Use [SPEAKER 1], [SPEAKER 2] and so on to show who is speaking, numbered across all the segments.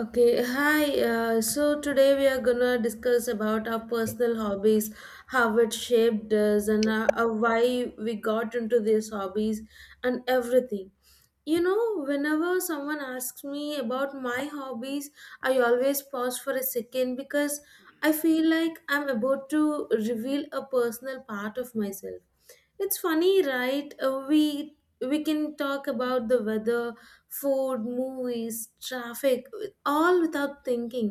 [SPEAKER 1] Okay, hi. So today we are gonna discuss about our personal hobbies, how it shaped us, and why we got into these hobbies and everything. Whenever someone asks me about my hobbies, I always pause for a second because I feel like I'm about to reveal a personal part of myself. It's funny, right? We can talk about the weather, food, movies, traffic, all without thinking.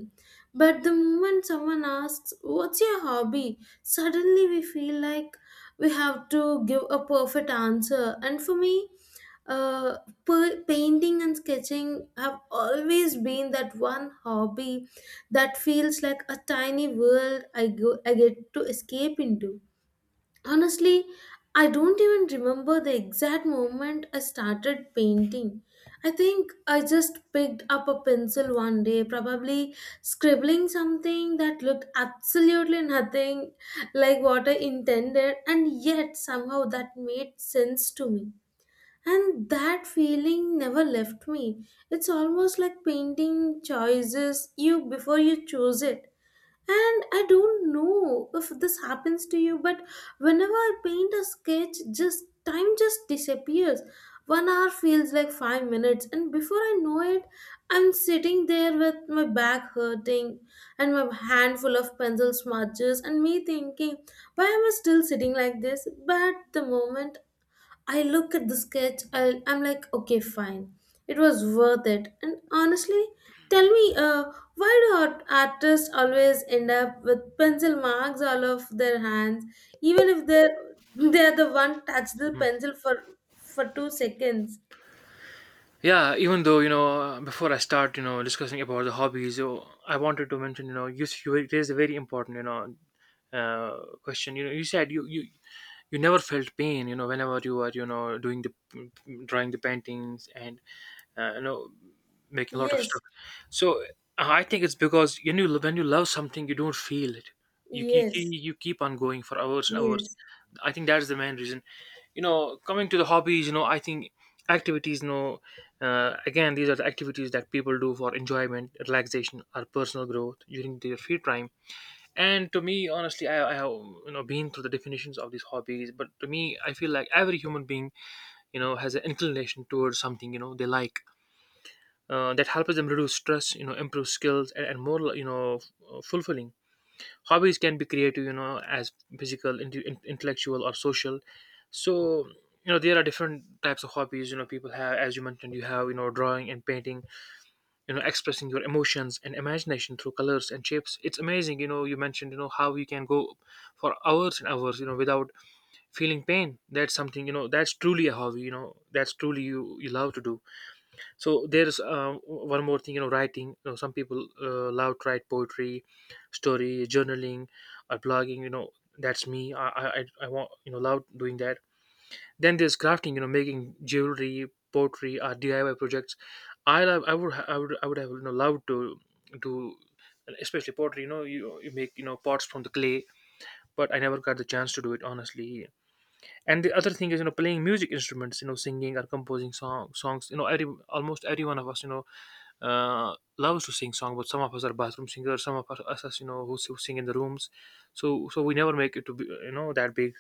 [SPEAKER 1] But the moment someone asks, "What's your hobby?" suddenly we feel like we have to give a perfect answer. And for me, uh, painting and sketching have always been that one hobby that feels like a tiny world I get to escape into. Honestly, I don't even remember the exact moment I started painting. I think I just picked up a pencil one day, probably scribbling something that looked absolutely nothing like what I intended, and yet somehow that made sense to me. And that feeling never left me. It's almost like painting choices you before you choose it, and I don't know if this happens to you, but whenever I paint a sketch, just time just disappears. 1 hour feels like 5 minutes, and before I know it, I'm sitting there with my back hurting and my hand full of pencil smudges, and me thinking, why am I still sitting like this? But the moment I look at the sketch, I'm like, okay, fine. It was worth it. And honestly, tell me, why do artists always end up with pencil marks all of their hands, even if they're they're the one touched the
[SPEAKER 2] Mhm.
[SPEAKER 1] pencil for 2 seconds?
[SPEAKER 2] Yeah, even though, before I start, discussing about the hobbies, I wanted to mention, you, you raised a very important, question. You said you never felt pain, whenever you were, doing the drawing, the paintings, and uh, you know making a lot of
[SPEAKER 1] Yes,
[SPEAKER 2] stuff. So I think it's because, when you love something, you don't feel it. you, you,
[SPEAKER 1] yes,
[SPEAKER 2] you keep on going for hours and hours.
[SPEAKER 1] yes,
[SPEAKER 2] I think that is the main reason. Coming to the hobbies, I think activities, again, these are the activities that people do for enjoyment, relaxation, or personal growth during their free time. And to me, honestly, I have been through the definitions of these hobbies, but to me, I feel like every human being has an inclination towards something, they like, that helps them reduce stress, improve skills, and more, fulfilling. Hobbies can be creative, as physical, intellectual, or social. So, there are different types of hobbies, people have. As you mentioned, you have, drawing and painting, expressing your emotions and imagination through colors and shapes. It's amazing. You mentioned, how you can go for hours and hours, without feeling pain. That's something, that's truly a hobby, that's truly you love to do. So there's one more thing, writing. Some people love to write poetry, story, journaling, or blogging. That's me. I want, love doing that. Then there's crafting, making jewelry, pottery, or DIY projects. I would ha- I would have, loved to do, especially pottery. You make, pots from the clay, but I never got the chance to do it, honestly. And the other thing is, playing music instruments, singing, or composing songs. Every, almost every one of us, loves to sing song, but some of us are bathroom singers, some of us, who sing in the rooms. So we never make it to be, that big.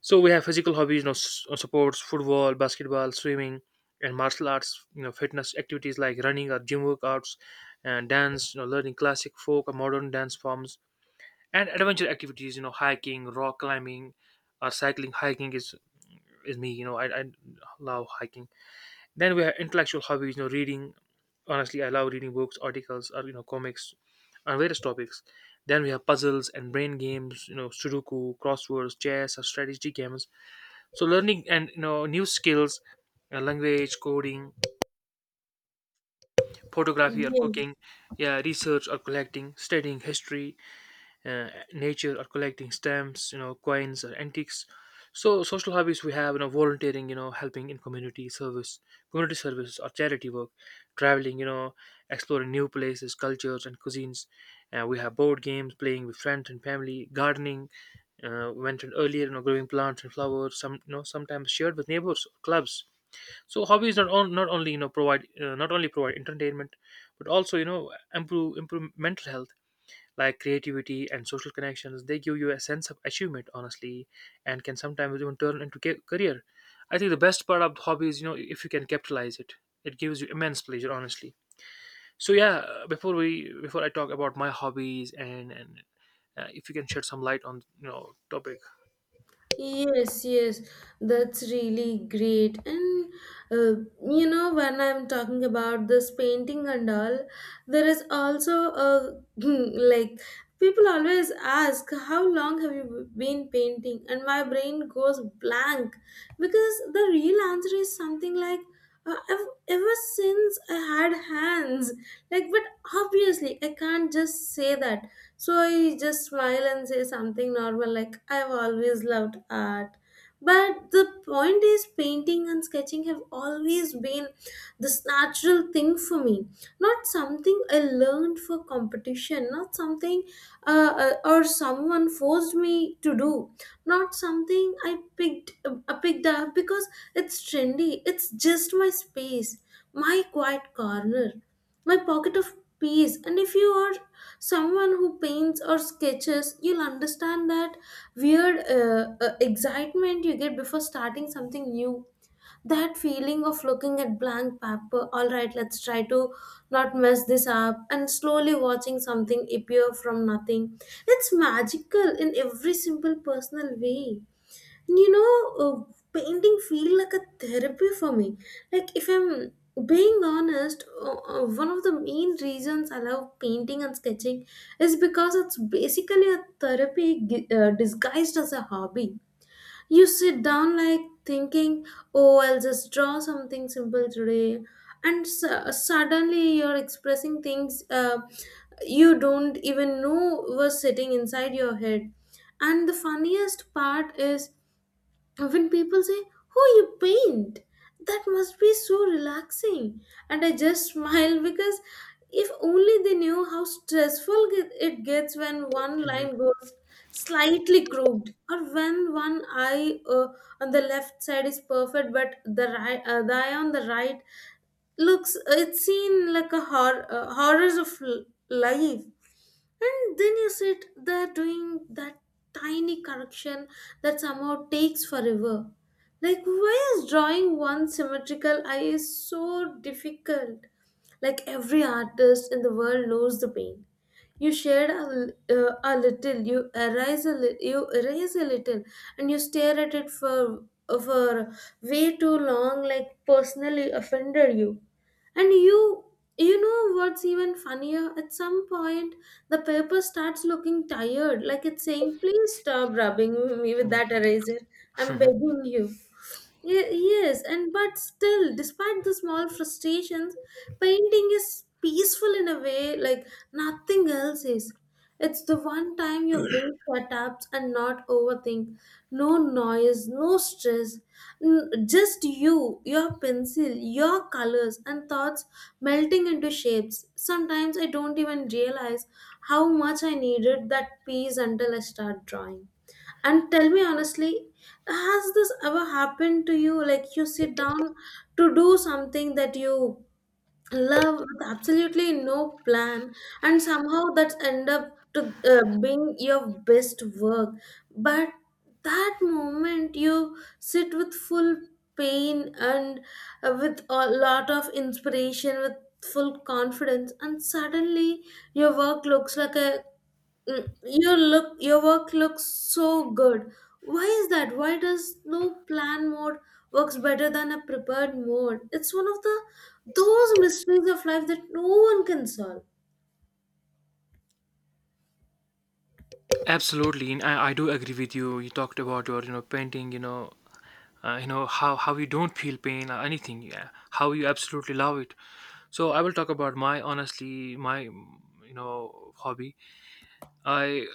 [SPEAKER 2] So we have physical hobbies, sports, football, basketball, swimming, and martial arts, fitness activities like running or gym workouts, and dance, learning classic, folk, or modern dance forms, and adventure activities, hiking, rock climbing, or cycling. Hiking is me. I love hiking. Then we have intellectual hobbies. Reading. Honestly, I love reading books, articles, or, comics, on various topics. Then we have puzzles and brain games. Sudoku, crosswords, chess, or strategy games. So, learning and, new skills, language, coding, photography, or
[SPEAKER 1] yes.
[SPEAKER 2] cooking. Yeah, research or collecting, studying history, nature, or collecting stamps, coins, or antiques. So social hobbies, we have, volunteering, helping in community service, community service, or charity work. Traveling, exploring new places, cultures, and cuisines. We have board games, playing with friends and family, gardening. We mentioned earlier, growing plants and flowers, some, sometimes shared with neighbors or clubs. So hobbies not only, provide not only provide entertainment, but also, improve mental health, like creativity and social connections. They give you a sense of achievement, honestly, and can sometimes even turn into career. I think the best part of the hobby is, if you can capitalize it, it gives you immense pleasure, honestly. So yeah, before I talk about my hobbies, and if you can shed some light on, topic.
[SPEAKER 1] Yes, yes, that's really great. And you know, when I'm talking about this painting and all, there is also a like people always ask, "How long have you been painting?" And my brain goes blank because the real answer is something like, ever since I had hands, like, but obviously, I can't just say that, so I just smile and say something normal like, "I've always loved art." But the point is, painting and sketching have always been this natural thing for me. Not something I learned for competition, not something uh, or someone forced me to do, not something I picked up because it's trendy. It's just my space, my quiet corner, my pocket of peace. And if you are someone who paints or sketches, you'll understand that weird excitement you get before starting something new. That feeling of looking at blank paper, all right, let's try to not mess this up, and slowly watching something appear from nothing. It's magical in every simple personal way. Painting feel like a therapy for me. Like, if I'm being honest, one of the main reasons I love painting and sketching is because it's basically a therapy disguised as a hobby. You sit down like thinking, oh, I'll just draw something simple today, and suddenly you're expressing things you don't even know was sitting inside your head. And the funniest part is when people say, "Oh, you paint, that must be so relaxing." And I just smile because if only they knew how stressful it gets when one
[SPEAKER 2] Mhm,
[SPEAKER 1] line goes slightly crooked, or when one eye on the left side is perfect but the eye on the right looks it's seen like a horror horrors of life. And then you sit there doing that tiny correction that somehow takes forever. Like, why is drawing one symmetrical eye is so difficult? Like, every artist in the world knows the pain. You shed a little, you erase you erase a little, and you stare at it for, way too long, like personally offended you. And you know what's even funnier? At some point, the paper starts looking tired, like it's saying, "Please stop rubbing me with that eraser. I'm
[SPEAKER 2] mhm.
[SPEAKER 1] begging you." Yes, and but still, despite the small frustrations, painting is peaceful in a way like nothing else is. It's the one time your brain shut up and not overthink. No noise, no stress. Just you, your pencil, your colors, and thoughts melting into shapes. Sometimes I don't even realize how much I needed that piece until I start drawing. And tell me honestly, has this ever happened to you? Like, you sit down to do something that you love with absolutely no plan and somehow that's end up to being your best work. But that moment you sit with full pain and with a lot of inspiration, with full confidence, and suddenly your work looks like a— your work looks so good. Why is that? Why does no plan mode works better than a prepared mode? It's one of the those mysteries of life that no one can solve.
[SPEAKER 2] Absolutely, and I do agree with you. You talked about your, painting. How you don't feel pain or anything. Yeah, how you absolutely love it. So I will talk about my, honestly, my, hobby. I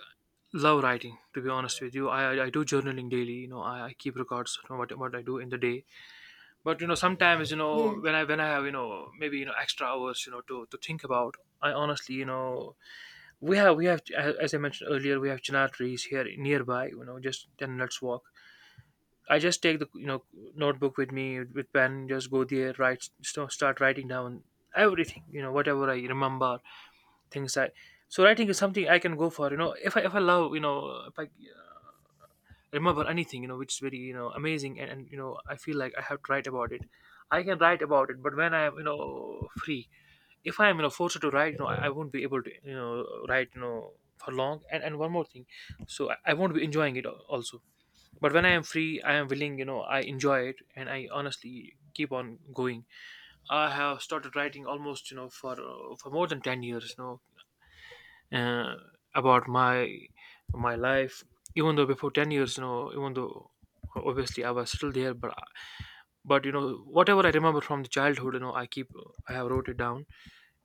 [SPEAKER 2] love writing. To be honest with you, I do journaling daily. I keep records of what I do in the day. But, sometimes,
[SPEAKER 1] Yes,
[SPEAKER 2] when I have, maybe, extra hours, to think about. I honestly, we have as I mentioned earlier, we have chinar trees here nearby. Just 10 minutes walk. I just take the, notebook with me, with pen, just go there, write, start writing down everything, whatever I remember, things I so writing is something I can go for. If I love, if I, remember anything, which is very, amazing, and I feel like I have to write about it. I can write about it, but when I am, free, if I am, forced to write, I won't be able to, write, for long. And one more thing, so I won't be enjoying it, also. But when I am free, I am willing, I enjoy it, and I honestly keep on going. I have started writing almost, for more than 10 years. Uh, about my life. Even though before 10 years, even though obviously I was still there, but whatever I remember from the childhood, I have wrote it down.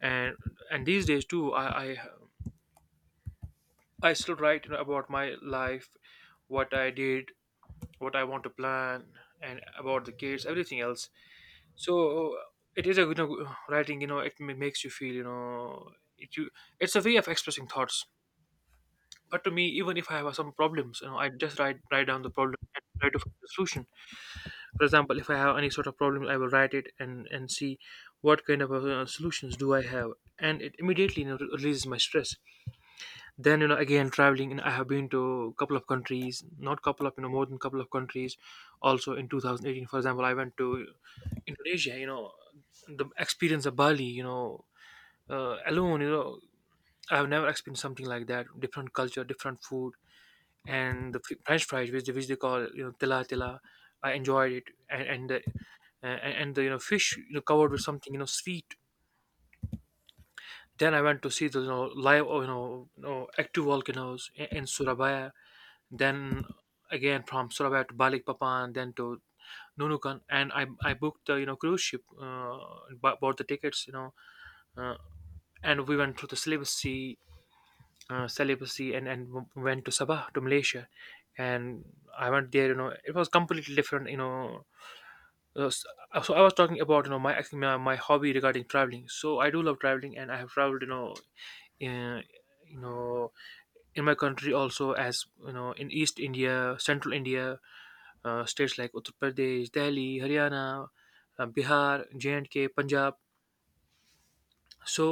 [SPEAKER 2] And and these days too, I still write, about my life, what I did, what I want to plan, and about the kids, everything else. So it is a, writing, it makes you feel, it you it's a way of expressing thoughts. But to me, even if I have some problems, I just write down the problem and try to find the solution. For example, if I have any sort of problem, I will write it and see what kind of, solutions do I have, and it immediately, releases my stress. Then, again, traveling, and I have been to a couple of countries, not couple of, more than couple of countries. Also, in 2018, for example, I went to Indonesia. The experience of Bali. Alone. I have never experienced something like that. Different culture, different food, and the French fries, which they call, tila tila. I enjoyed it, and and the and the, fish, covered with something, sweet. Then I went to see the, live, active volcanoes in, Surabaya. Then, again, from Surabaya to Balikpapan, then to Nunukan, and I booked the, cruise ship, bought the tickets, uh, and we went through the Celebes Sea, celibacy, and went to Sabah, to Malaysia, and I went there. It was completely different. Uh, s- so I was talking about, my, my hobby regarding traveling. So I do love traveling, and I have traveled. You know, in, you know in my country also as you know in East India, Central India, states like Uttar Pradesh, Delhi, Haryana, Bihar, J and K, Punjab. so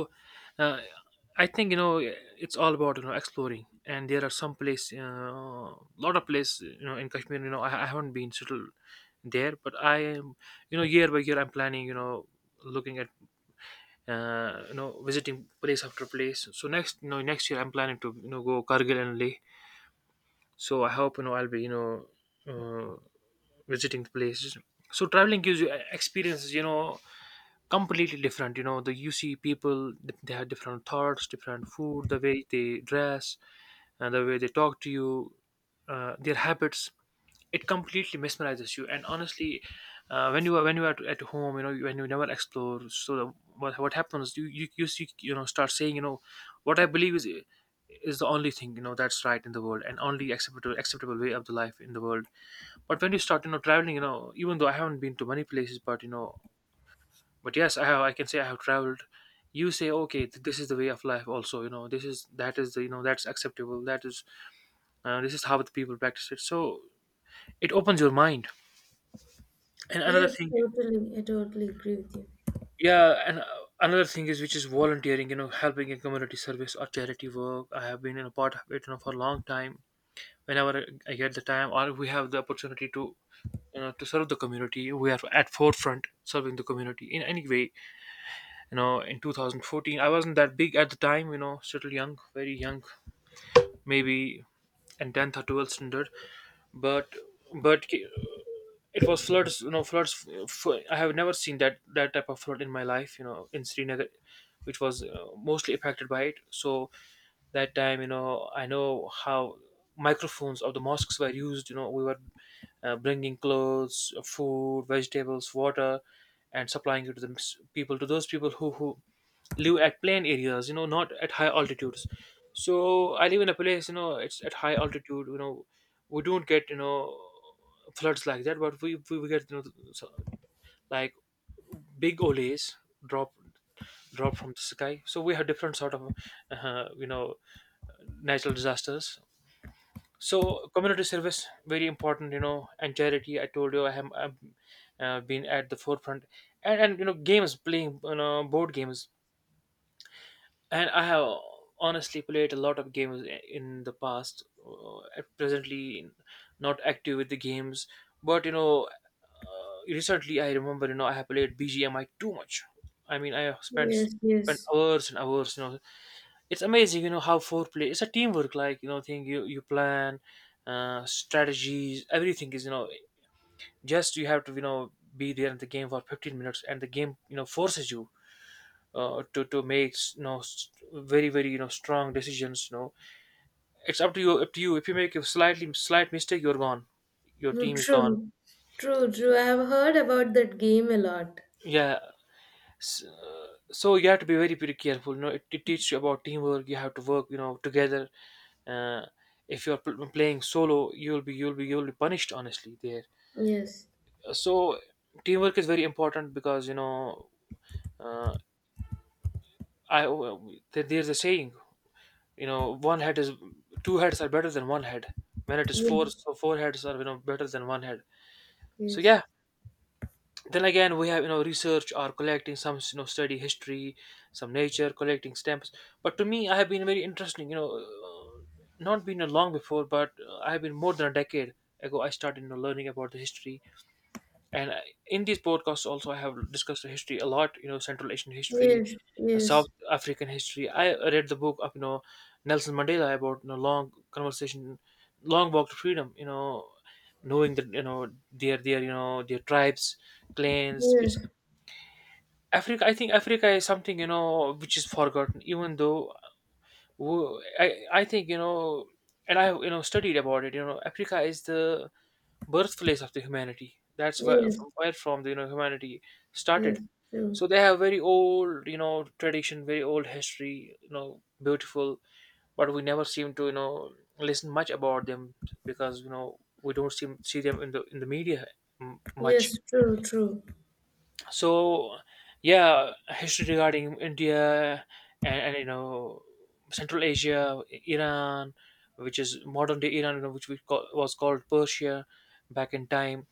[SPEAKER 2] uh, i think you know it's all about exploring, and there are some place a lot of place in Kashmir. I haven't been settled there, but I am, year by year, I'm planning, looking at, you know, visiting place after place. So next, next year, I'm planning to go Kargil and Leh. So I hope I'll be, uh, visiting the places. So traveling gives you experiences, completely different. You know, the you see people, they have different thoughts, different food, the way they dress and the way they talk to you, their habits. It completely mesmerizes you. And honestly, when you are, when you are at home, you know, when you never explore, so the, what happens, you see, you know, start saying, you know, what I believe is the only thing, you know, that's right in the world and only acceptable way of the life in the world. But when you start, traveling, you know, even though I haven't been to many places, but you know, but yes I have, I can say I have traveled. You say, okay, this is the way of life also, you know, this is, that is the, you know, that's acceptable, that is, this is how the people practice it. So it opens your mind. And another
[SPEAKER 1] yes,
[SPEAKER 2] thing,
[SPEAKER 1] totally agree with
[SPEAKER 2] yeah, and another thing is, which is volunteering. You know, helping in community service or charity work, I have been in a part of it, you know, for a long time. Whenever I get the time or we have the opportunity to, you know, to serve the community, we are at forefront, serving the community in any way. You know, in 2014, I wasn't that big at the time. You know, still young, very young, maybe in 10th or 12th standard. but but it was floods. You know, floods, I have never seen that, that type of flood in my life, you know, in Srinagar, which was mostly affected by it. So that time, you know, I know how microphones of the mosques were used. You know, we were bringing clothes, food, vegetables, water, and supplying it to the people, to those people who live at plain areas, you know, not at high altitudes. So I live in a place, you know, it's at high altitude. You know, we don't get, you know, floods like that, but we get, you know, so, like, big olays drop, drop from the sky. So we have different sort of uh, you know natural disasters. So community service very important, you know, and charity, I told you, I've been at the forefront. And you know, games, playing, you know, board games. And I have honestly played a lot of games in the past. Presently, not active with the games, but you know, recently I remember, you know, I have played BGMI too much. I mean, I have
[SPEAKER 1] you.
[SPEAKER 2] spent
[SPEAKER 1] Yes, yes.
[SPEAKER 2] spent hours and hours. You know, it's amazing. You know how foreplay. It's a teamwork, like, you know, thing, you plan, strategies, everything is, you know, just you have to, you know, be there in the game for 15 minutes, and the game, you know, forces you to make, you know, very very, you know, strong decisions. You know, it's up to you. Up to you. If you make a slight mistake, you're gone. Your
[SPEAKER 1] No,
[SPEAKER 2] team is gone.
[SPEAKER 1] true, true, true, I have heard about that game a lot.
[SPEAKER 2] Yeah. S- So you have to be very very careful. You know, it teaches you about teamwork. You have to work, you know, together. Uh, if you're playing solo, you'll be, you'll be, you'll be punished. Honestly, there.
[SPEAKER 1] Yes,
[SPEAKER 2] So teamwork is very important, because you know. Uh, I, there's a saying, you know one head is two heads are better than one head. When it is four,
[SPEAKER 1] yes,
[SPEAKER 2] so four heads are, you know, better than one head. So
[SPEAKER 1] yes,
[SPEAKER 2] yeah, then again we have, you know, research or collecting, some, you know, study history, some nature, collecting stamps. But to me, I have been very interesting, you know, not been a long before, but I have been more than a decade ago, I started, you know, learning about the history. And in these podcasts also, I have discussed the history a lot. You know, Central Asian history,
[SPEAKER 1] yes,
[SPEAKER 2] South African history. I read the book of, you know, Nelson Mandela, about, you know, long conversation, long walk to freedom. You know, knowing that, you know, their, you know, their tribes, clans. It's
[SPEAKER 1] yes, yes,
[SPEAKER 2] Africa, I think Africa is something, you know, which is forgotten, even though, I think, you know, and I have, you know, studied about it. You know, Africa is the birthplace of the humanity. That's where,
[SPEAKER 1] yes,
[SPEAKER 2] from where, from the, you know, humanity
[SPEAKER 1] yes,
[SPEAKER 2] started.
[SPEAKER 1] true.
[SPEAKER 2] So they have very old, you know, tradition, very old history, you know, beautiful. But we never seem to, you know, listen much about them because, you know, we don't seem see them in the media much.
[SPEAKER 1] Yes, true, true.
[SPEAKER 2] So yeah, history regarding India, and you know, Central Asia, Iran, which is modern day Iran, you know, which we call, was called Persia back in time.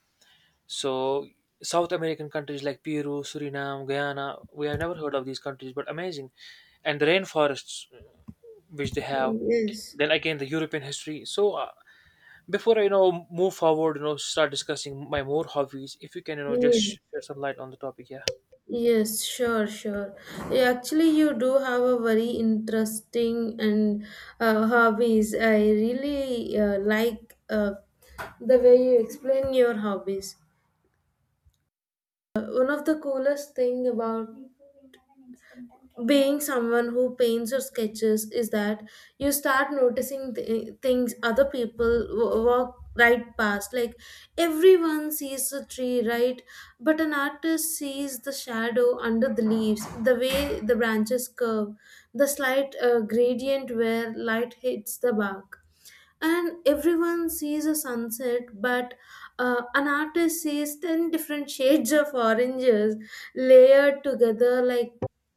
[SPEAKER 2] So South American countries like Peru, Suriname, Guyana, we have never heard of these countries, but amazing. And the rainforests which they have.
[SPEAKER 1] Yes,
[SPEAKER 2] Then again, the European history. So before I, you know, move forward, you know, start discussing my more hobbies. If you can, you know, just
[SPEAKER 1] yes,
[SPEAKER 2] share some light on the topic. Yeah,
[SPEAKER 1] yes, sure, sure. Yeah, actually, you do have a very interesting and hobbies. I really like, the way you explain your hobbies. One of the coolest thing about being someone who paints or sketches is that you start noticing things other people walk right past, like everyone sees a tree, right, but an artist sees the shadow under the leaves, the way the branches curve, the slight gradient where light hits the bark. And everyone sees a sunset, but an artist sees 10 different shades of oranges layered together, like,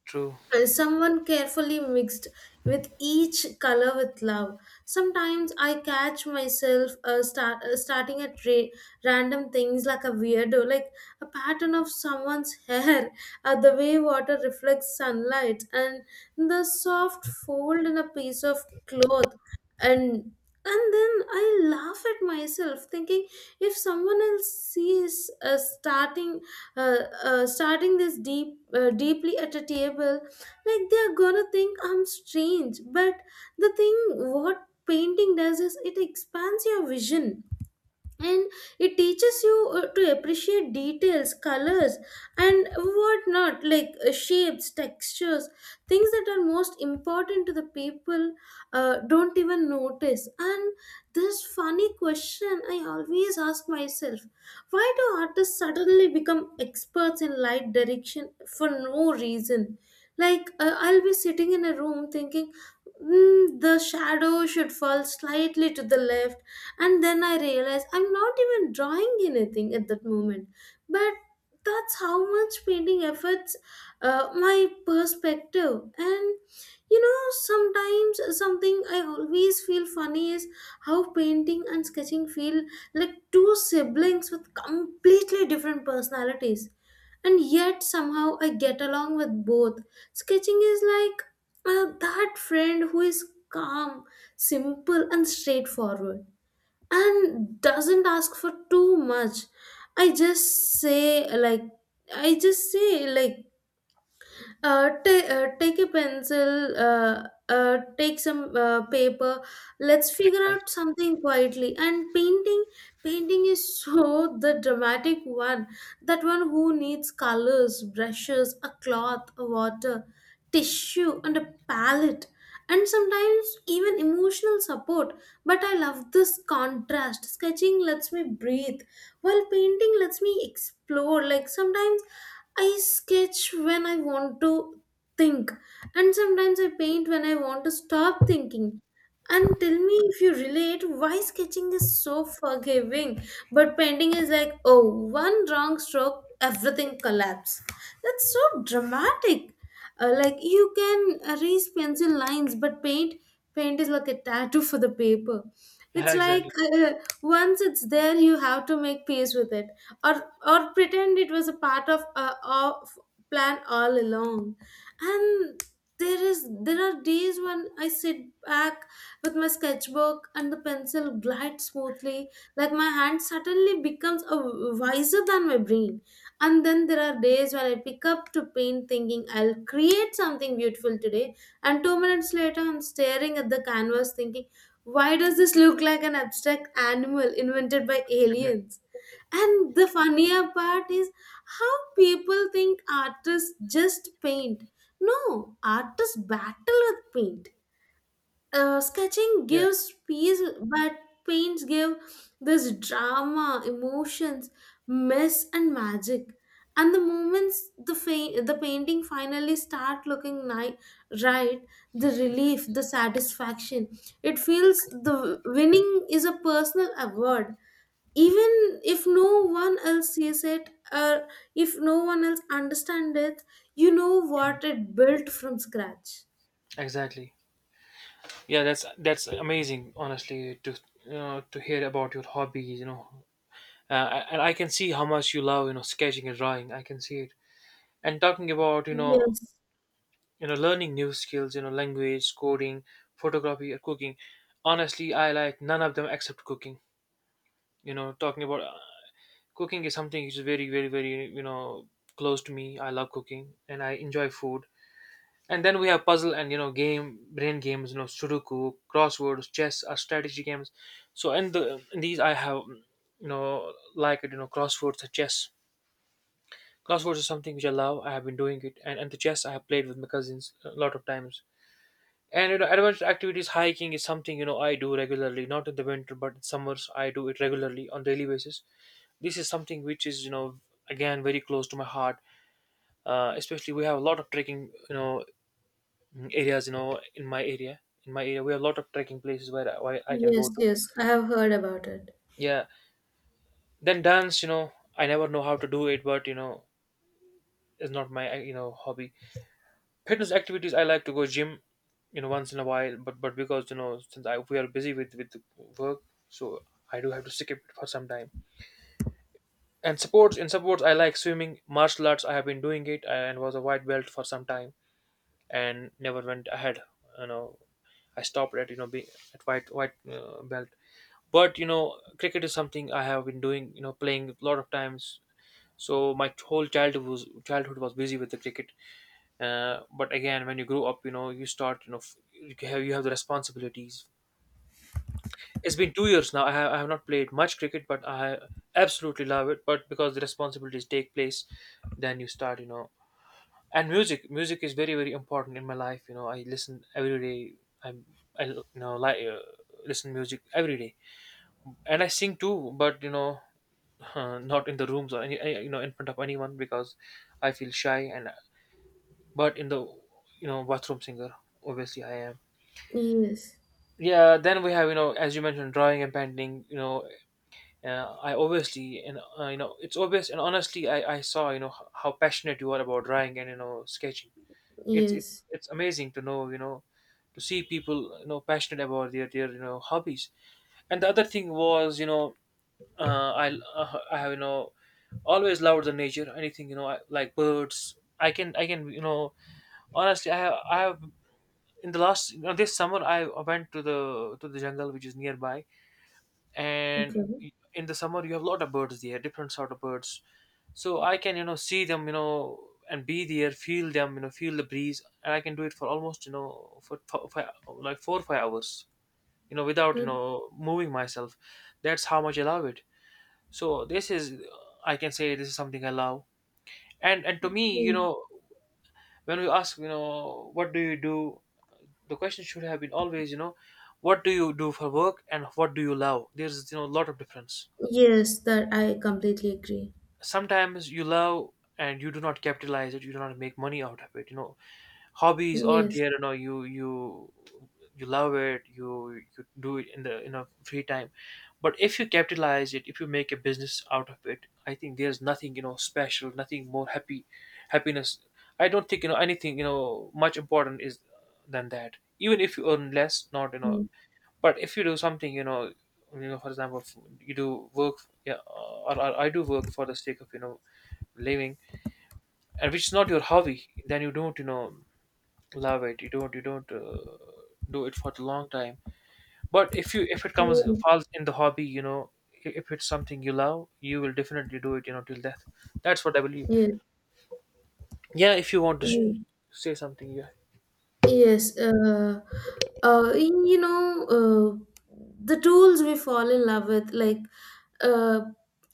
[SPEAKER 2] true.
[SPEAKER 1] and someone carefully mixed with each color with love. Sometimes I catch myself starting at random things like a weirdo, like a pattern of someone's hair, the way water reflects sunlight, and the soft fold in a piece of cloth. And then I laugh at myself, thinking if someone else sees uh, starting this deeply at a table, like, they're gonna think I'm strange. But the thing, what painting does is it expands your vision, and it teaches you to appreciate details, colors, and whatnot, like, shapes, textures, things that are most important to the people don't even notice. And this funny question I always ask myself: why do artists suddenly become experts in light direction for no reason? Like, I'll be sitting in a room thinking, "Hmm, the shadow should fall slightly to the left," and then I realized I'm not even drawing anything at that moment. But that's how much painting affects my perspective. And, sometimes something I always feel funny is how painting and sketching feel like two siblings with completely different personalities, and yet somehow I get along with both. Sketching is like, that friend who is calm, simple, and straightforward, and doesn't ask for too much. i just say like I just say like, take a pencil, take some paper. Let's figure out
[SPEAKER 2] Exactly.
[SPEAKER 1] something quietly. And painting is so the dramatic one. That one who needs colors, brushes, a cloth, a water, tissue, and a palette, and sometimes even emotional support. But I love this contrast. Sketching lets me breathe, while painting lets me explore. Like, sometimes I sketch when I want to think, and sometimes I paint when I want to stop thinking. And tell me if you relate, why sketching is so forgiving, but painting is like, oh, one wrong stroke, everything collapse. That's so dramatic. Like, you can erase pencil lines, but paint is like a tattoo for the paper. It's
[SPEAKER 2] Yeah,
[SPEAKER 1] like,
[SPEAKER 2] exactly.
[SPEAKER 1] uh, once it's there, you have to make peace with it, or pretend it was a part of a of plan all along. And there are days when I sit back with my sketchbook and the pencil glides smoothly, like my hand suddenly becomes a wiser than my brain. And then there are days when I pick up to paint thinking I'll create something beautiful today, and 2 minutes later I'm staring at the canvas thinking, why does this look like an abstract animal invented by
[SPEAKER 2] Mhm.
[SPEAKER 1] aliens? And the funnier part is how people think artists just paint. No, artists battle with paint. Sketching
[SPEAKER 2] Yeah,
[SPEAKER 1] gives peace, but paints give this drama, emotions, mess, and magic. And the the painting finally start looking right, the relief, the satisfaction, it feels the winning is a personal award, even if no one else sees it, or if no one else understands it. You know what, it built from scratch.
[SPEAKER 2] exactly. Yeah, that's amazing. Honestly, to, you know, to hear about your hobbies, you know, and I can see how much you love, you know, sketching and drawing. I can see it. And talking about, you know,
[SPEAKER 1] Yes,
[SPEAKER 2] you know, learning new skills, you know, language, coding, photography or cooking, honestly I like none of them except cooking. You know, talking about cooking is something which is very very very, you know, close to me. I love cooking and I enjoy food. And then we have puzzle and, you know, game, brain games, you know, sudoku, crosswords, chess are strategy games. So in the in these I have, mm, you know, like it, you know, crosswords and chess. Crosswords is something which I love. I have been doing it. And the chess I have played with my cousins a lot of times. And you know, adventure activities, hiking is something, you know, I do regularly. Not in the winter, but in summers I do it regularly on daily basis. This is something which is, you know, again very close to my heart. Especially we have a lot of trekking, you know, areas, you know, in my area. In my area, we have a lot of trekking places where where I can
[SPEAKER 1] yes,
[SPEAKER 2] go to.
[SPEAKER 1] yes, I have heard about it.
[SPEAKER 2] Yeah. Then dance, you know, I never know how to do it, but you know, it's not my, you know, hobby. Fitness activities, I like to go gym, you know, once in a while. But because, you know, since I we are busy with work, so I do have to skip it for some time. And sports, in sports, I like swimming, martial arts. I have been doing it, and was a white belt for some time and never went ahead. You know, I stopped at, you know, being at white belt. But you know, cricket is something I have been doing. You know, playing a lot of times. So my whole childhood was busy with the cricket. But again, when you grow up, you know, you start, you know, you have, you have the responsibilities. It's been 2 years now, I have not played much cricket, but I absolutely love it. But because the responsibilities take place, then you start, you know. And music, music is very very important in my life. You know, I listen every day. I'm I You know, like, listen music every day. And I sing too, but you know, not in the rooms or any you know, in front of anyone because I feel shy. And but in the, you know, bathroom singer obviously I am.
[SPEAKER 1] Yes,
[SPEAKER 2] Yeah, then we have, you know, as you mentioned, drawing and painting. You know, I obviously, and you know, it's obvious. And honestly, I saw, you know, how passionate you are about drawing and, you know, sketching. It's
[SPEAKER 1] yes,
[SPEAKER 2] it's amazing to know, you know, to see people, you know, passionate about their, you know, hobbies. And the other thing was, you know, I have, you know, always loved the nature, anything, you know, like birds. I can, you know, honestly I have in the last, you know, this summer, I went to the jungle which is nearby. And
[SPEAKER 1] okay.
[SPEAKER 2] in the summer you have a lot of birds there, different sort of birds. So I can, you know, see them, you know, and be there, feel them, you know, feel the breeze. And I can do it for almost, you know, for like 4 or 5 hours, you know, without, you know, moving myself. That's how much I love it. So this is, I can say this is something I love. And to me, you
[SPEAKER 1] Mm.
[SPEAKER 2] know, when we ask, you know, what do you do, the question should have been always, you know, what do you do for work and what do you love. There's, you know, a lot of difference.
[SPEAKER 1] Yes, that I completely agree.
[SPEAKER 2] Sometimes you love and you do not capitalize it, you do not make money out of it. You know, hobbies are
[SPEAKER 1] Yes,
[SPEAKER 2] there, you know, you you love it, you do it in the, you know, free time. But if you capitalize it, if you make a business out of it, I think there's nothing, you know, special, nothing more happy, happiness. I don't think, you know, anything, you know, much important is than that. Even if you earn less, not, you know,
[SPEAKER 1] yes,
[SPEAKER 2] but if you do something, you know, you know, for example, you do work. Yeah, or I do work for the sake of, you know, living, and which is not your hobby. Then you don't, you know, love it, you don't, you don't, do it for the long time. But if you, if it comes, falls in the hobby, you know, if it's something you love, you will definitely do it, you know, till death. That's what I believe.
[SPEAKER 1] yes,
[SPEAKER 2] Yeah, if you want to
[SPEAKER 1] yes.
[SPEAKER 2] say something. Yeah,
[SPEAKER 1] Yes, the tools we fall in love with, like, uh,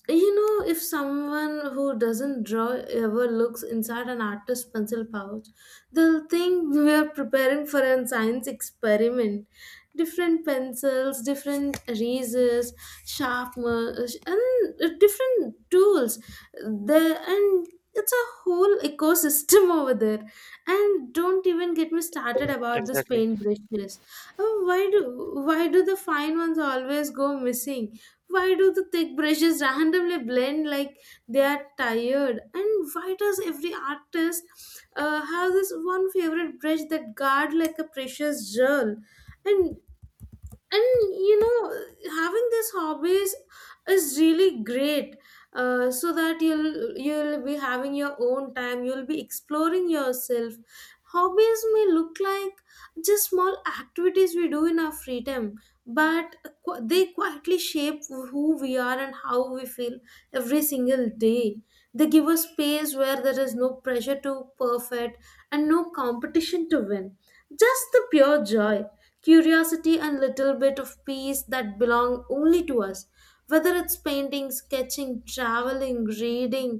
[SPEAKER 1] if someone who doesn't draw ever looks inside an artist's pencil pouch, they'll think we are preparing for a science experiment. Different pencils, different erasers, sharpeners, and different tools. There, and it's a whole ecosystem over there, and don't even get me started about those
[SPEAKER 2] exactly.
[SPEAKER 1] paintbrushes. Oh, why do the fine ones always go missing? Why do the thick brushes randomly blend like they are tired? And why does every artist have this one favorite brush that guard like a precious jewel? And and, having these hobbies is really great, so that you'll be having your own time, you'll be exploring yourself. Hobbies may look like just small activities we do in our free time, but they quietly shape who we are and how we feel every single day. They give us space where there is no pressure to perfect and no competition to win, just the pure joy, curiosity, and little bit of peace that belong only to us. Whether it's painting, sketching, traveling, reading,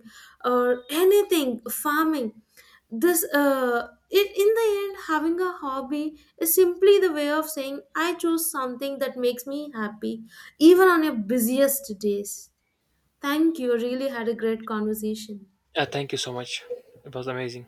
[SPEAKER 1] or anything, farming, in the end, having a hobby is simply the way of saying, I choose something that makes me happy, even on your busiest days. Thank you, really had a great conversation.
[SPEAKER 2] Yeah, thank you so much. It was amazing.